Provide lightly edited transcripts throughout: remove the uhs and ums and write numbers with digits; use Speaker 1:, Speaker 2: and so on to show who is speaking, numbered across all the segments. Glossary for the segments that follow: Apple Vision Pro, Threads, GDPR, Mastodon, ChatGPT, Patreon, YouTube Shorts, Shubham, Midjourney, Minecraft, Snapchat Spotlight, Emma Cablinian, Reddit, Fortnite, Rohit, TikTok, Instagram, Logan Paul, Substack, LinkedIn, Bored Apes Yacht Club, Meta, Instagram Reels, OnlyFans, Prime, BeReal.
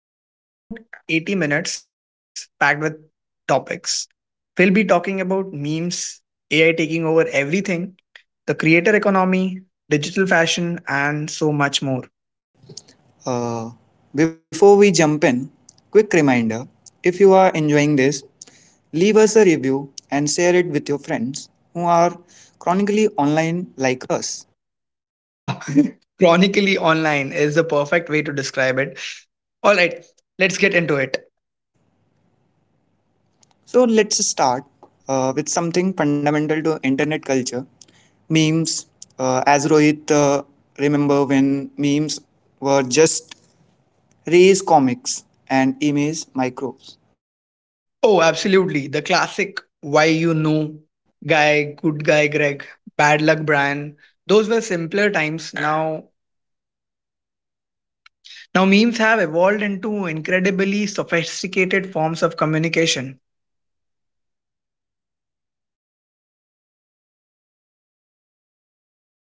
Speaker 1: Yeah, and we have got about 80 minutes packed with topics. We'll be talking about memes, AI taking over everything, the creator economy, digital fashion, and so much more.
Speaker 2: Uh, Before we jump in, quick reminder, if you are enjoying this, leave us a review and share it with your friends who are chronically online like us.
Speaker 1: Chronically online is the perfect way to describe it. All right, let's get into it.
Speaker 2: So let's start with something fundamental to internet culture memes. As Rohit, remember when memes were just race comics and image microbes.
Speaker 1: Oh, absolutely. The classic why guy, good guy Greg, bad luck Brian. Those were simpler times. Now, memes have evolved into incredibly sophisticated forms of communication.
Speaker 2: Right,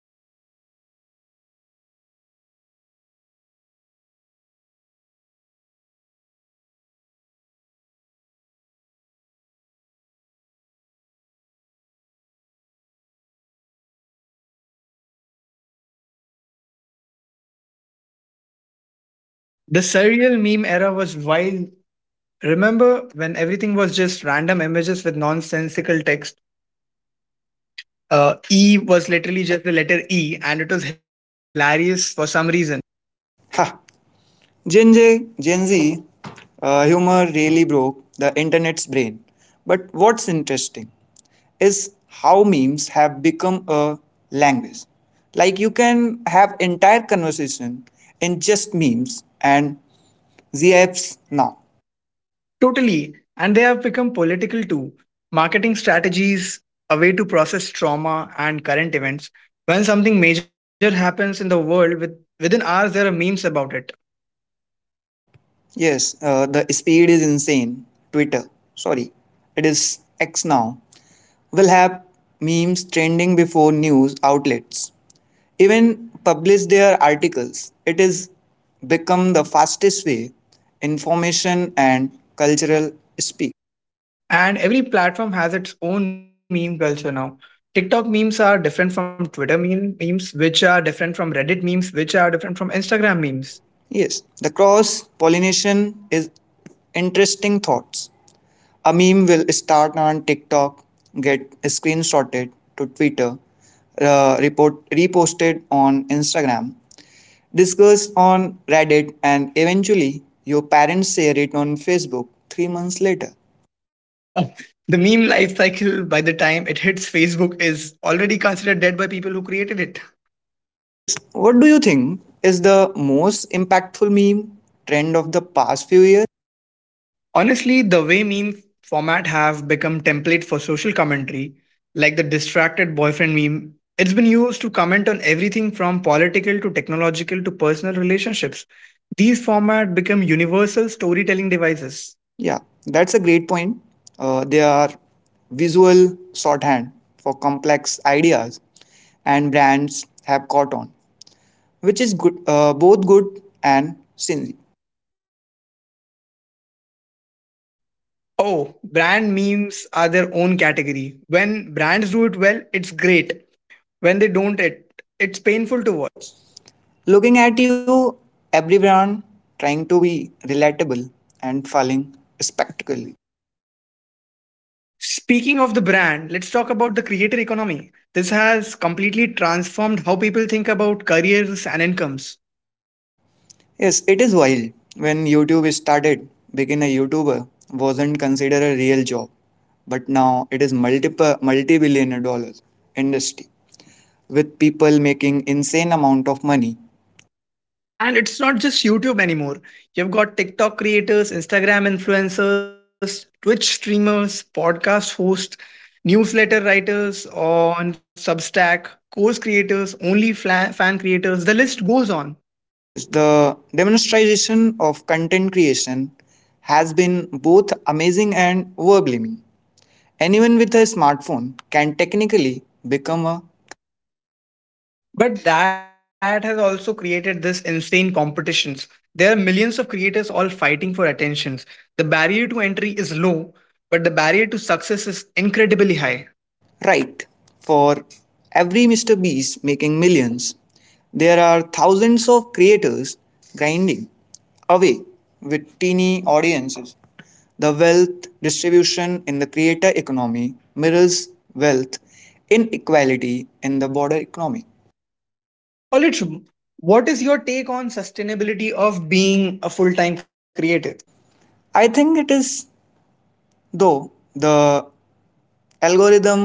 Speaker 2: like memes now have layers. We have got surface level memes that anyone can understand, and then you have deep fried, iconic post-ironic means memes that requires like 3 levels of internet knowledge to even get.
Speaker 1: The surreal meme era was wild. Remember when everything was just random images with nonsensical text? E was literally just the letter E, and it was hilarious for some reason.
Speaker 2: Ha! Gen Z humor really broke the internet's brain. But what's interesting is how memes have become a language. Like you can have entire conversation in just memes and ZFs now.
Speaker 1: Totally. And they have become political too. Marketing strategies, a way to process trauma and current events. When something major happens in the world, within hours, there are memes about it.
Speaker 2: Yes, the speed is insane. Twitter, sorry, it is X now, will have memes trending before news outlets even publish their articles. It has become the fastest way information and cultural speed.
Speaker 1: And every platform has its own meme culture now. TikTok memes are different from Twitter memes, which are different from Reddit memes, which are different from Instagram memes.
Speaker 2: Yes, the cross pollination is interesting thoughts. A meme will start on TikTok, get screenshotted to Twitter, report reposted on Instagram, discuss on Reddit, and eventually your parents share it on Facebook three months later.
Speaker 1: The meme life cycle, by the time it hits Facebook, is already considered dead by people who created it.
Speaker 2: Yes, what do you think is the most impactful meme trend of the past few years?
Speaker 1: Honestly, the way meme format have become template for social commentary, like the distracted boyfriend meme, it's been used to comment on everything from political to technological to personal relationships. These format become universal storytelling devices.
Speaker 2: Yeah, that's a great point. They are visual shorthand for complex ideas, and brands have caught on, which is good, both good and stingy.
Speaker 1: Oh, brand memes are their own category. When brands do it well, it's great. When they don't, it's
Speaker 2: Painful to
Speaker 1: painful to.
Speaker 2: watch. Looking at you, everyone trying to be relatable and falling spectacularly.
Speaker 1: Speaking of the brand, let's talk about the creator economy. This has completely transformed how people think about careers and incomes.
Speaker 2: Yes, it is wild. When YouTube started, being a YouTuber wasn't considered a real job, but now it is multiple multi-billion dollar industry with people making insane amount of money.
Speaker 1: And it's not just YouTube anymore. You've got TikTok creators, Instagram influencers, Twitch streamers, podcast hosts, newsletter writers on Substack, course creators, fan creators. The list goes on.
Speaker 2: Yes, the demonstration of content creation has been both amazing and overwhelming. Anyone with a smartphone can technically become a
Speaker 1: But that has also created this insane competitions. There are millions of creators all fighting for attentions. The barrier to entry is low, but the barrier to success is incredibly high.
Speaker 2: right. For every Mr. Beast making millions, there are thousands of creators grinding away with teeny audiences. The wealth distribution in the creator economy mirrors wealth inequality in the broader economy.
Speaker 1: Paulitch, what is your take on sustainability of being a full-time creator?
Speaker 2: I think it is, though, the algorithm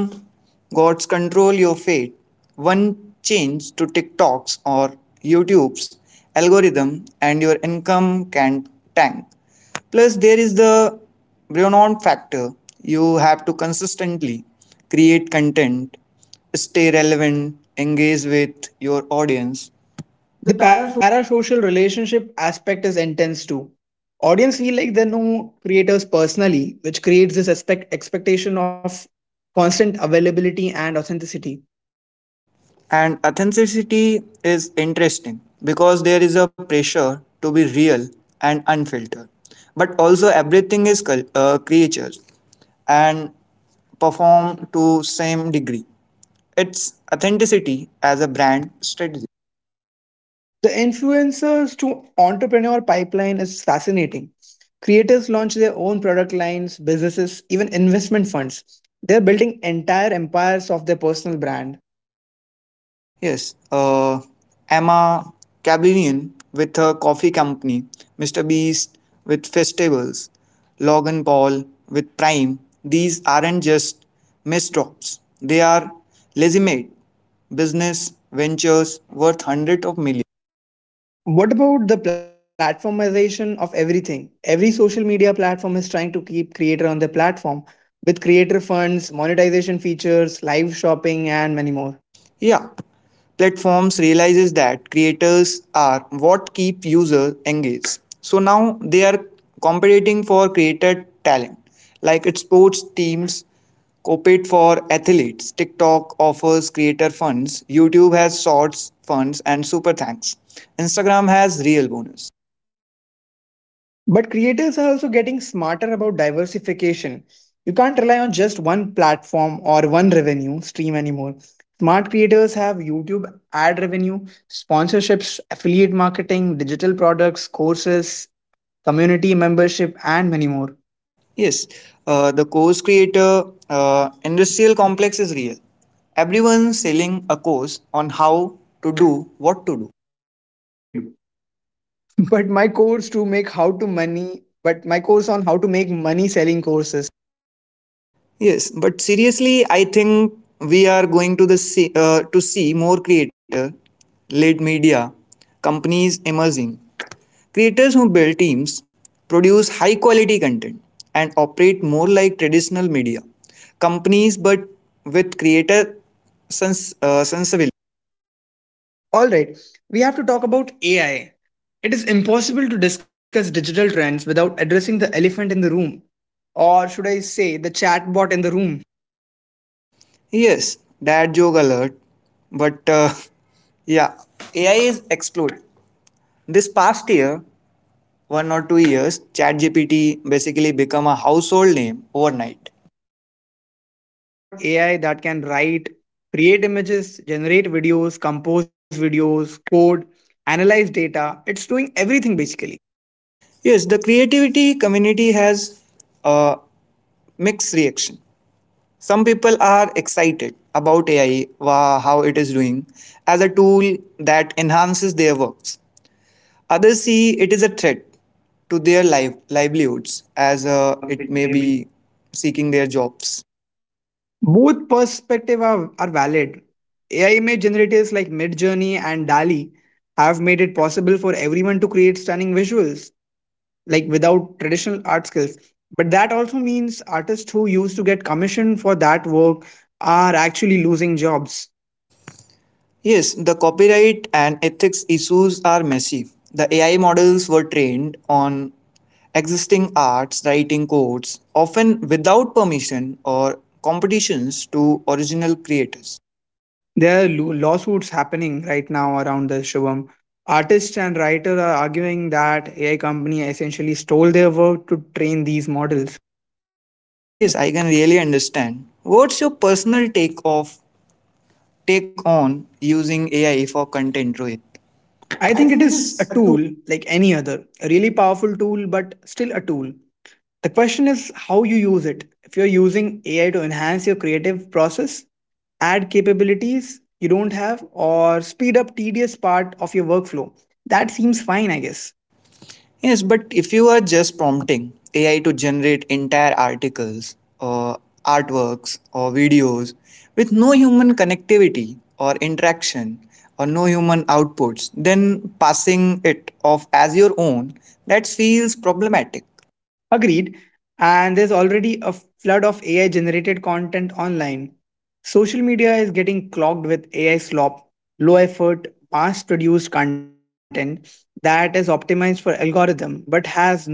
Speaker 2: gods control your fate. One change to TikTok's or YouTube's algorithm and your income can tank. Plus, there is the Brennan factor. You have to consistently create content, stay relevant, engage with your audience.
Speaker 1: The parasocial relationship aspect is intense too. Audience feel like they know creators personally, which creates this expectation of constant availability and authenticity.
Speaker 2: And authenticity is interesting because there is a pressure to be real and unfiltered. But also, everything is creatures and perform to same degree. It's authenticity as a brand strategy.
Speaker 1: The influencers to entrepreneur pipeline is fascinating. Creators launch their own product lines, businesses, even investment funds. They're building entire empires of their personal brand.
Speaker 2: Yes, uh, Emma Cablinian with her coffee company, Mr. Beast with festivals, Logan Paul with Prime. These aren't just misdrops; they are legitimate business ventures worth hundreds of millions.
Speaker 1: What about the platformization of everything? Every social media platform is trying to keep creator on their platform with creator funds, monetization features, live shopping, and many more.
Speaker 2: Yeah, platforms realizes that creators are what keep users engaged. So now they are competing for creator talent, like its sports teams compete for athletes. TikTok offers creator funds. YouTube has Shorts funds and Super Thanks. Instagram has real bonus.
Speaker 1: But creators are also getting smarter about diversification. You can't rely on just one platform or one revenue stream anymore. Smart creators have YouTube ad revenue, sponsorships, affiliate marketing, digital products, courses, community membership, and many more.
Speaker 2: Yes, the course creator industrial complex is real. Everyone selling a course on how to do what to do.
Speaker 1: What they do. But my course to make how to money, but my course on how to make money selling courses.
Speaker 2: Yes, but seriously, I think we are going to see more creator led media companies emerging. Creators who build teams, produce high quality content, and operate more like traditional media companies, but with creator sensibility.
Speaker 1: All right, we have to talk about AI. It is impossible to discuss digital trends without addressing the elephant in the room, or should I say the chatbot in the room.
Speaker 2: Yes, dad joke alert. But yeah, AI is exploding. This past year, one or two years, ChatGPT basically become a household name overnight.
Speaker 1: And now we have got AI that can write, create images, generate videos, compose videos, code, analyze data. It's doing everything basically.
Speaker 2: Yes, the creativity community has a mixed reaction. Some people are excited about AI, wow, how it is doing, as a tool that enhances their works. Others see it is a threat to their life, livelihoods, as
Speaker 1: And
Speaker 2: it
Speaker 1: it
Speaker 2: may
Speaker 1: may be.
Speaker 2: be seeking their jobs.
Speaker 1: Both perspectives are valid. AI image generators like Midjourney and DALL-E have made it possible for everyone to create stunning visuals, like without traditional art skills. But that also means artists who used to get commissioned for that work are actually losing jobs.
Speaker 2: Yes, the copyright and ethics issues are messy. The AI models were trained on existing arts, writing codes, often without permission or competitions to original creators.
Speaker 1: There are lawsuits happening right now around the Shivam. Artists and writers are arguing that AI company essentially stole their work to train these models.
Speaker 2: Yes, I can really understand. What's your personal take on using AI for content, Rohit?
Speaker 1: I
Speaker 2: I
Speaker 1: think it
Speaker 2: think it
Speaker 1: is a
Speaker 2: is a tool.
Speaker 1: tool like any other, a really powerful tool, but still a tool. The question is how you use it. If you're using AI to enhance your creative process, add capabilities you don't have, or speed up tedious part of your workflow, that seems fine, I guess.
Speaker 2: Yes, but if you are just prompting AI to generate entire articles or artworks or videos with no human connectivity or interaction or no human outputs, then passing it off as your own, that feels problematic.
Speaker 1: Agreed. And there's already a flood of AI generated content online. Social media is getting clogged with AI slop, low effort, mass produced content that is optimized for algorithm but has no soul.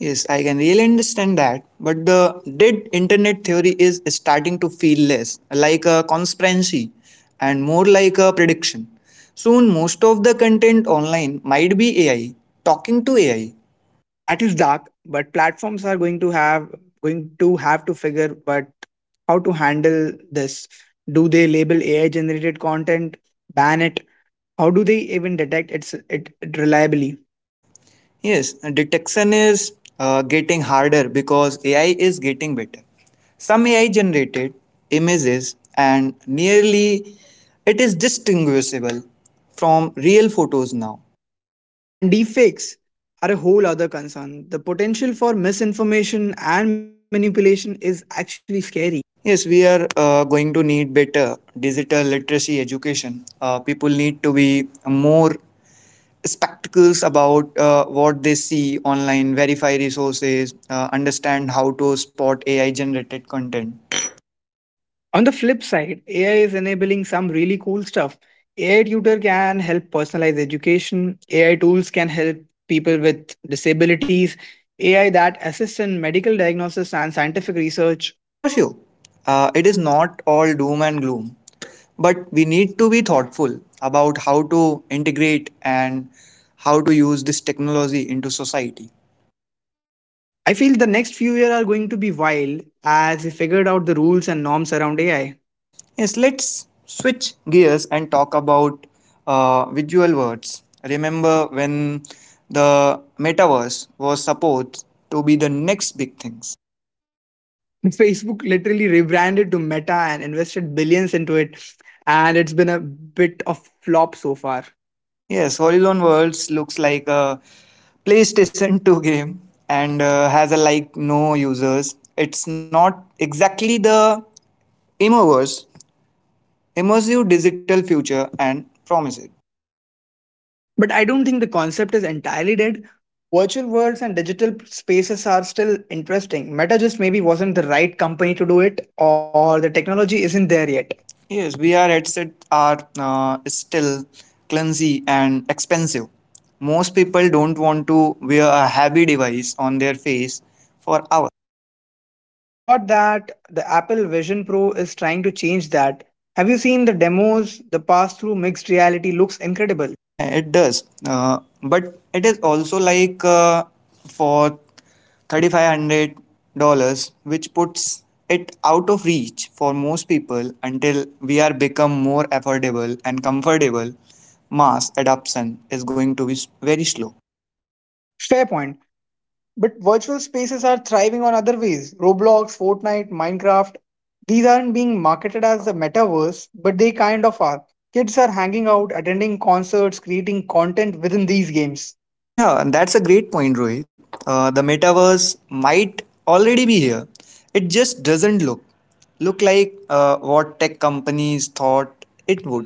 Speaker 2: Yes, I can really understand that. But the dead internet theory is starting to feel less like a conspiracy and more like a prediction. Soon, most of the content online might be AI, talking to AI.
Speaker 1: That is dark, but platforms are going to have to figure but how to handle this. Do they label AI generated content, ban it? How do they even detect it reliably?
Speaker 2: Yes, detection is getting harder because AI is getting better. Some AI generated images and nearly it is distinguishable from real photos now.
Speaker 1: And deepfakes are a whole other concern. The potential for misinformation and manipulation is actually scary.
Speaker 2: Yes, we are going to need better digital literacy education. People need to be more spectacles about what they see online, verify resources, understand how to spot AI generated content.
Speaker 1: On the flip side, AI is enabling some really cool stuff. AI tutor can help personalize education. AI tools can help people with disabilities. AI that assists in medical diagnosis and scientific research.
Speaker 2: For sure, it is not all doom and gloom, but we need to be thoughtful about how to integrate and how to use this technology into society.
Speaker 1: I feel the next few years are going to be wild as we figured out the rules and norms around AI.
Speaker 2: Yes, let's switch gears and talk about visual words. Remember when the metaverse was supposed to be the next big thing?
Speaker 1: Facebook literally rebranded to Meta and invested billions into it, and it's been a bit of flop so far.
Speaker 2: Yes, Horizon Worlds looks like a PlayStation 2 game and has a like no users. It's not exactly the Immerverse, immersive digital future, and promises.
Speaker 1: But I don't think the concept is entirely dead. Virtual worlds and digital spaces are still interesting. Meta just maybe wasn't the right company to do it, or the technology isn't there yet.
Speaker 2: Yes, VR headsets are still clumsy and expensive. Most people don't want to wear a heavy device on their face for hours.
Speaker 1: Thought that the Apple Vision Pro is trying to change that. Have you seen the demos? The pass through mixed reality looks incredible.
Speaker 2: Yeah, it does. But it is also like for $3,500, which puts it out of reach for most people until VR become more affordable and comfortable. Mass adoption is going to be very slow.
Speaker 1: Fair point. But virtual spaces are thriving on other ways. Roblox, Fortnite, Minecraft. These aren't being marketed as the metaverse, but they kind of are. Kids are hanging out, attending concerts, creating content within these games.
Speaker 2: Yeah, and that's a great point, Rohit. The metaverse might already be here. It just doesn't look like what tech companies thought it would.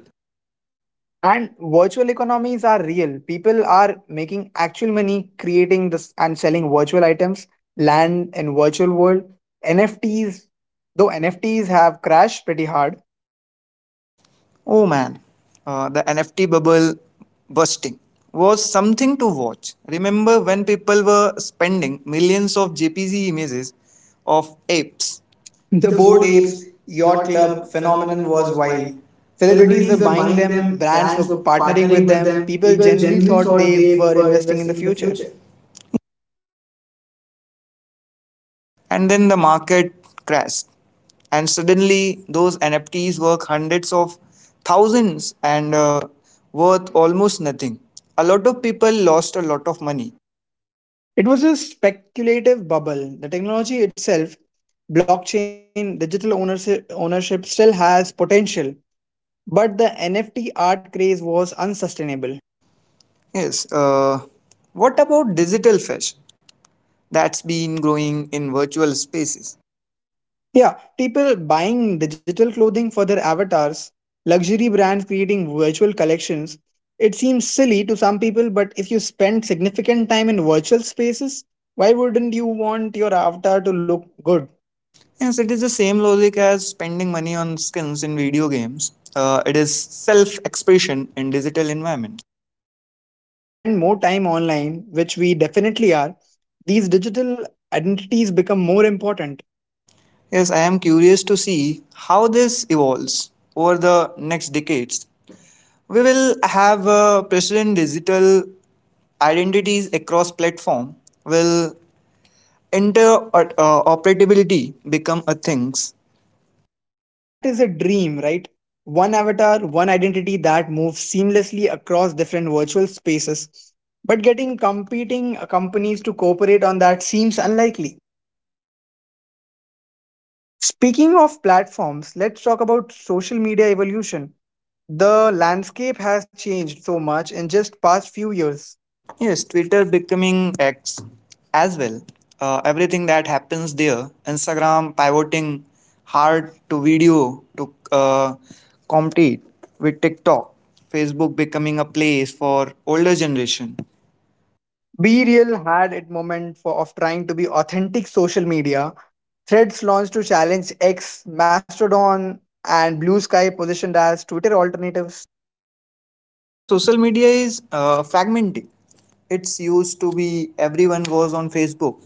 Speaker 1: And virtual economies are real. People are making actual money creating this and selling virtual items, land in virtual world, NFTs. Though NFTs have crashed pretty hard,
Speaker 2: Oh man, the NFT bubble bursting was something to watch. Remember when people were spending millions of JPG images of apes.
Speaker 1: the
Speaker 2: The
Speaker 1: Bored
Speaker 2: Bored
Speaker 1: Apes
Speaker 2: Apes
Speaker 1: Yacht
Speaker 2: Yacht
Speaker 1: Club
Speaker 2: Club
Speaker 1: phenomenon
Speaker 2: phenomenon
Speaker 1: was
Speaker 2: was
Speaker 1: wild.
Speaker 2: wild.
Speaker 1: Celebrities were
Speaker 2: Celebrities were
Speaker 1: buying
Speaker 2: buying
Speaker 1: them,
Speaker 2: them,
Speaker 1: brands were
Speaker 2: brands were
Speaker 1: partnering
Speaker 2: partnering
Speaker 1: with
Speaker 2: with
Speaker 1: them,
Speaker 2: them,
Speaker 1: people
Speaker 2: people
Speaker 1: generally
Speaker 2: genuinely
Speaker 1: thought
Speaker 2: thought
Speaker 1: they
Speaker 2: they
Speaker 1: were
Speaker 2: were
Speaker 1: investing in
Speaker 2: investing
Speaker 1: the
Speaker 2: in the
Speaker 1: future.
Speaker 2: future. And then the market crashed. And suddenly, those NFTs were hundreds of thousands and worth almost nothing. A lot of people lost a lot of money.
Speaker 1: It was a speculative bubble. The technology itself, blockchain, digital ownership, still has potential, but the NFT art craze was unsustainable.
Speaker 2: Yes. What about digital fashion that's been growing in virtual spaces?
Speaker 1: Yeah, people buying digital clothing for their avatars, luxury brands creating virtual collections. It seems silly to some people, but if you spend significant time in virtual spaces, why wouldn't you want your avatar to look good?
Speaker 2: Yes, it is the same logic as spending money on skins in video games. It is self-expression in digital environment.
Speaker 1: And as we spend more time online, which we definitely are, these digital identities become more important.
Speaker 2: Yes, I am curious to see how this evolves over the next decades. We will have precedent digital identities across platform. Will interoperability become a things?
Speaker 1: That is a dream, right? One avatar, one identity that moves seamlessly across different virtual spaces. But getting competing companies to cooperate on that seems unlikely. Speaking of platforms, let's talk about social media evolution. The landscape has changed so much in just past few years.
Speaker 2: Yes, Twitter becoming X as well. Everything that happens there, Instagram pivoting hard to video to compete with TikTok, Facebook becoming a place for older generation.
Speaker 1: Be Real had its moment of trying to be authentic social media. Threads launched to challenge X, Mastodon, and Blue Sky positioned as Twitter alternatives.
Speaker 2: Yeah, social media is fragmented. It's used to be everyone was on Facebook,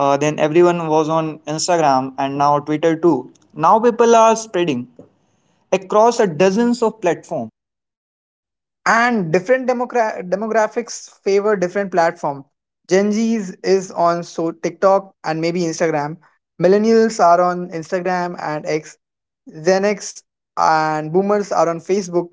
Speaker 2: then everyone was on Instagram, and now Twitter too. Now people are spreading across a dozens of platforms.
Speaker 1: And different demographics favor different platform. Gen Z's is on TikTok and maybe Instagram, millennials are on Instagram and X, Gen X and boomers are on Facebook,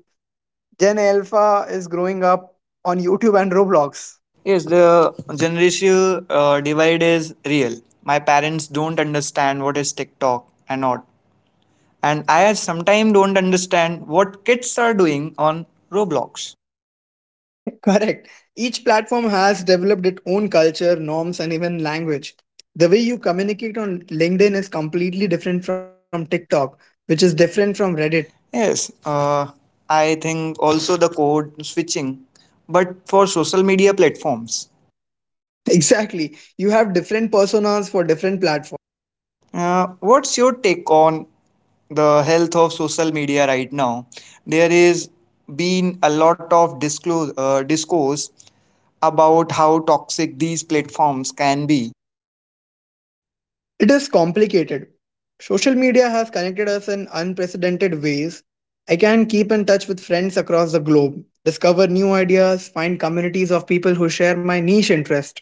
Speaker 1: Gen Alpha is growing up on YouTube and Roblox.
Speaker 2: Yes, the generational divide is real. My parents don't understand what is TikTok and not. And I sometimes don't understand what kids are doing on Roblox.
Speaker 1: Correct. Each platform has developed its own culture norms and even language. The way you communicate on LinkedIn is completely different from TikTok, which is different from Reddit.
Speaker 2: Yes, I think also the code switching, but for social media platforms.
Speaker 1: Exactly. You have different personas for different platforms.
Speaker 2: What's your take on the health of social media right now? There is been a lot of discourse about how toxic these platforms can be.
Speaker 1: It is complicated. Social media has connected us in unprecedented ways. I can keep in touch with friends across the globe, discover new ideas, find communities of people who share my niche interest.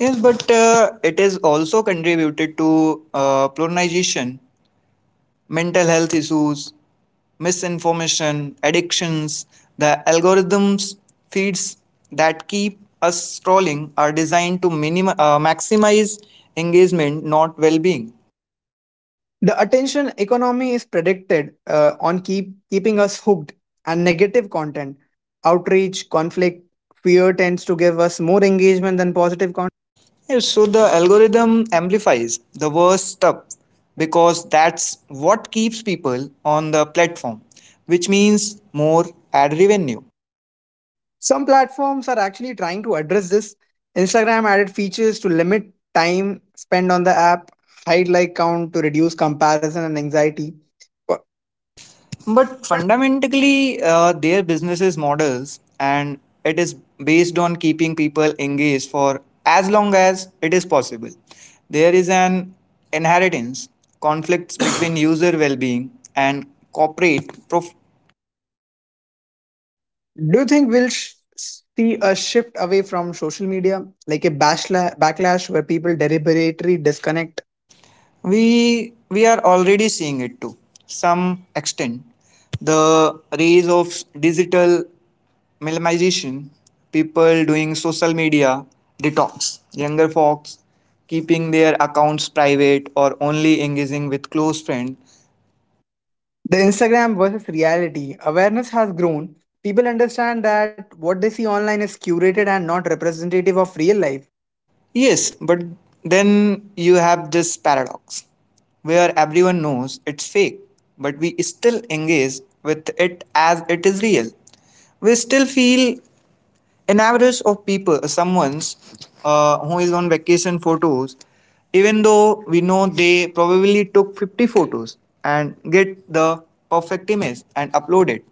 Speaker 2: Yes, but it is also contributed to polarization, mental health issues, misinformation, addictions. The algorithms feeds that keep us scrolling are designed to maximize engagement, not well-being.
Speaker 1: The attention economy is predicted on keeping us hooked, and negative content, outreach, conflict, fear tends to give us more engagement than positive content.
Speaker 2: Yes, so the algorithm amplifies the worst stuff because that's what keeps people on the platform, which means more ad revenue.
Speaker 1: Some platforms are actually trying to address this. Instagram added features to limit time spent on the app, hide like count to reduce comparison and anxiety. But
Speaker 2: But fundamentally, their businesses models and it is based on keeping people engaged for as long as it is possible. There is an inheritance conflicts between user well-being and corporate prof-
Speaker 1: do you think we'll see a shift away from social media, like a backlash where people deliberately disconnect?
Speaker 2: we are already seeing it to some extent. The rise of digital minimization, people doing social media detox, younger folks keeping their accounts private or only engaging with close friends.
Speaker 1: The Instagram versus reality awareness has grown. People understand that what they see online is curated and not representative of real life.
Speaker 2: Yes, but then you have this paradox where everyone knows it's fake, but we still engage with it as it is real. We still feel an average of people someone's who is on vacation photos, even though we know they probably took 50 photos and get the perfect image and upload it.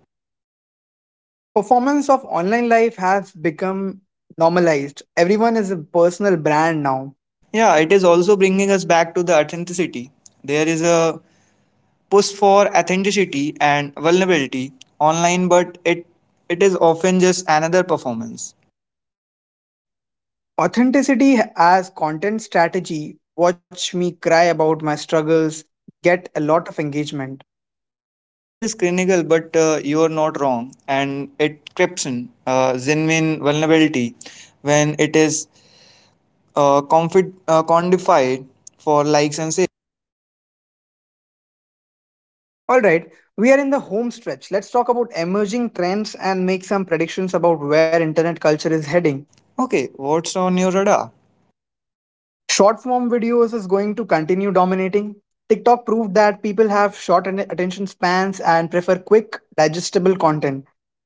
Speaker 1: The performance of online life has become normalized. Everyone is a personal brand now.
Speaker 2: Yeah, it is also bringing us back to the authenticity. There is a push for authenticity and vulnerability online, but it is often just another performance.
Speaker 1: Authenticity as content strategy, watch me cry about my struggles, get a lot of engagement.
Speaker 2: Yeah, it is clinical, but you are not wrong, and it creeps in genuine vulnerability when it is quantified for likes and sales.
Speaker 1: All right, we are in the home stretch. Let's talk about emerging trends and make some predictions about where internet culture is heading.
Speaker 2: Okay, what's on your radar?
Speaker 1: Short form videos is going to continue dominating. TikTok proved that people have short attention spans and prefer quick, digestible content.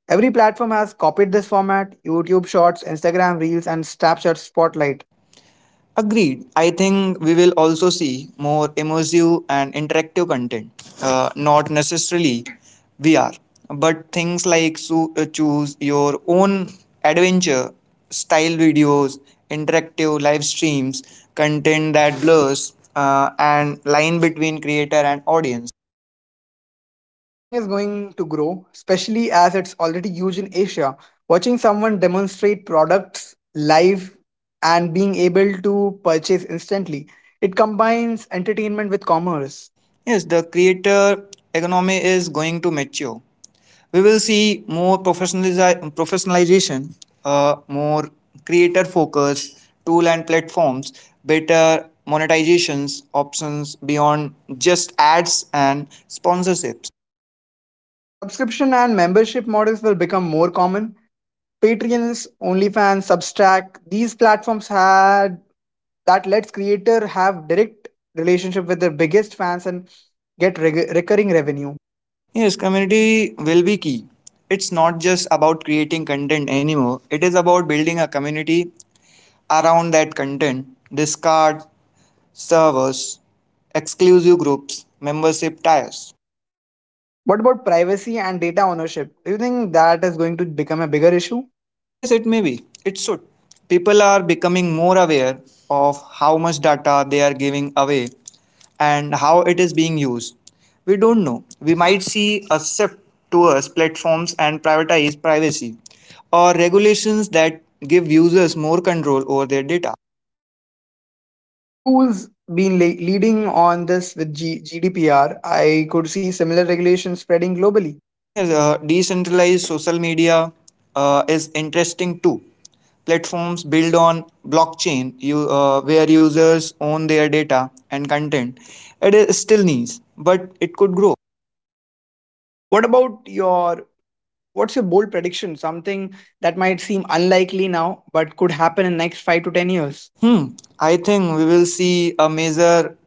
Speaker 1: Every platform has copied this format: YouTube Shorts, Instagram Reels, and Snapchat Spotlight.
Speaker 2: Agreed. I think we will also see more immersive and interactive content, not necessarily VR, but things like choose your own adventure style videos, interactive live streams, content that blurs and line between creator and audience.
Speaker 1: Live shopping is going to grow, especially as it's already huge in Asia. Watching someone demonstrate products live and being able to purchase instantly, it combines entertainment with commerce.
Speaker 2: Yes, the creator economy is going to mature. We will see more professionalization, more creator focus, tool and platforms, better monetizations options beyond just ads and sponsorships.
Speaker 1: Subscription and membership models will become more common. Patreons, OnlyFans, Substack, these platforms had that lets creator have direct relationship with their biggest fans and get recurring revenue.
Speaker 2: Yes, community will be key. It's not just about creating content anymore, it is about building a community around that content, discard servers, exclusive groups, membership tiers.
Speaker 1: What about privacy and data ownership? Do you think that is going to become a bigger issue?
Speaker 2: Yes, it may be. It should. People are becoming more aware of how much data they are giving away and how it is being used. We don't know. We might see a shift towards platforms and prioritize privacy or regulations that give users more control over their data.
Speaker 1: The EU's been leading on this with GDPR. I could see similar regulations spreading globally.
Speaker 2: Yes, decentralized social media is interesting too. Platforms built on blockchain, where users own their data and content. It is still niche, but it could grow.
Speaker 1: What about your what's your bold prediction? Something that might seem unlikely now but could happen in next 5 to 10 years?
Speaker 2: Hmm. I think we will see a major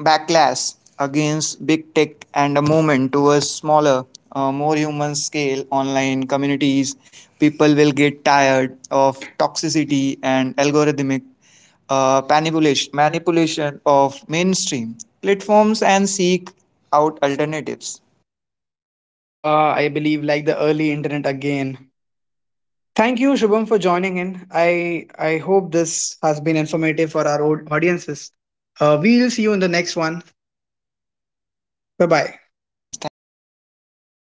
Speaker 2: backlash against big tech and a movement towards smaller, more human scale online communities. People will get tired of toxicity and algorithmic manipulation of mainstream platforms and seek out alternatives.
Speaker 1: I believe like the early internet again. Thank you, Shubham, for joining in. I hope this has been informative for our audiences. We'll see you in the next one. Bye bye.
Speaker 2: Yes, thank you.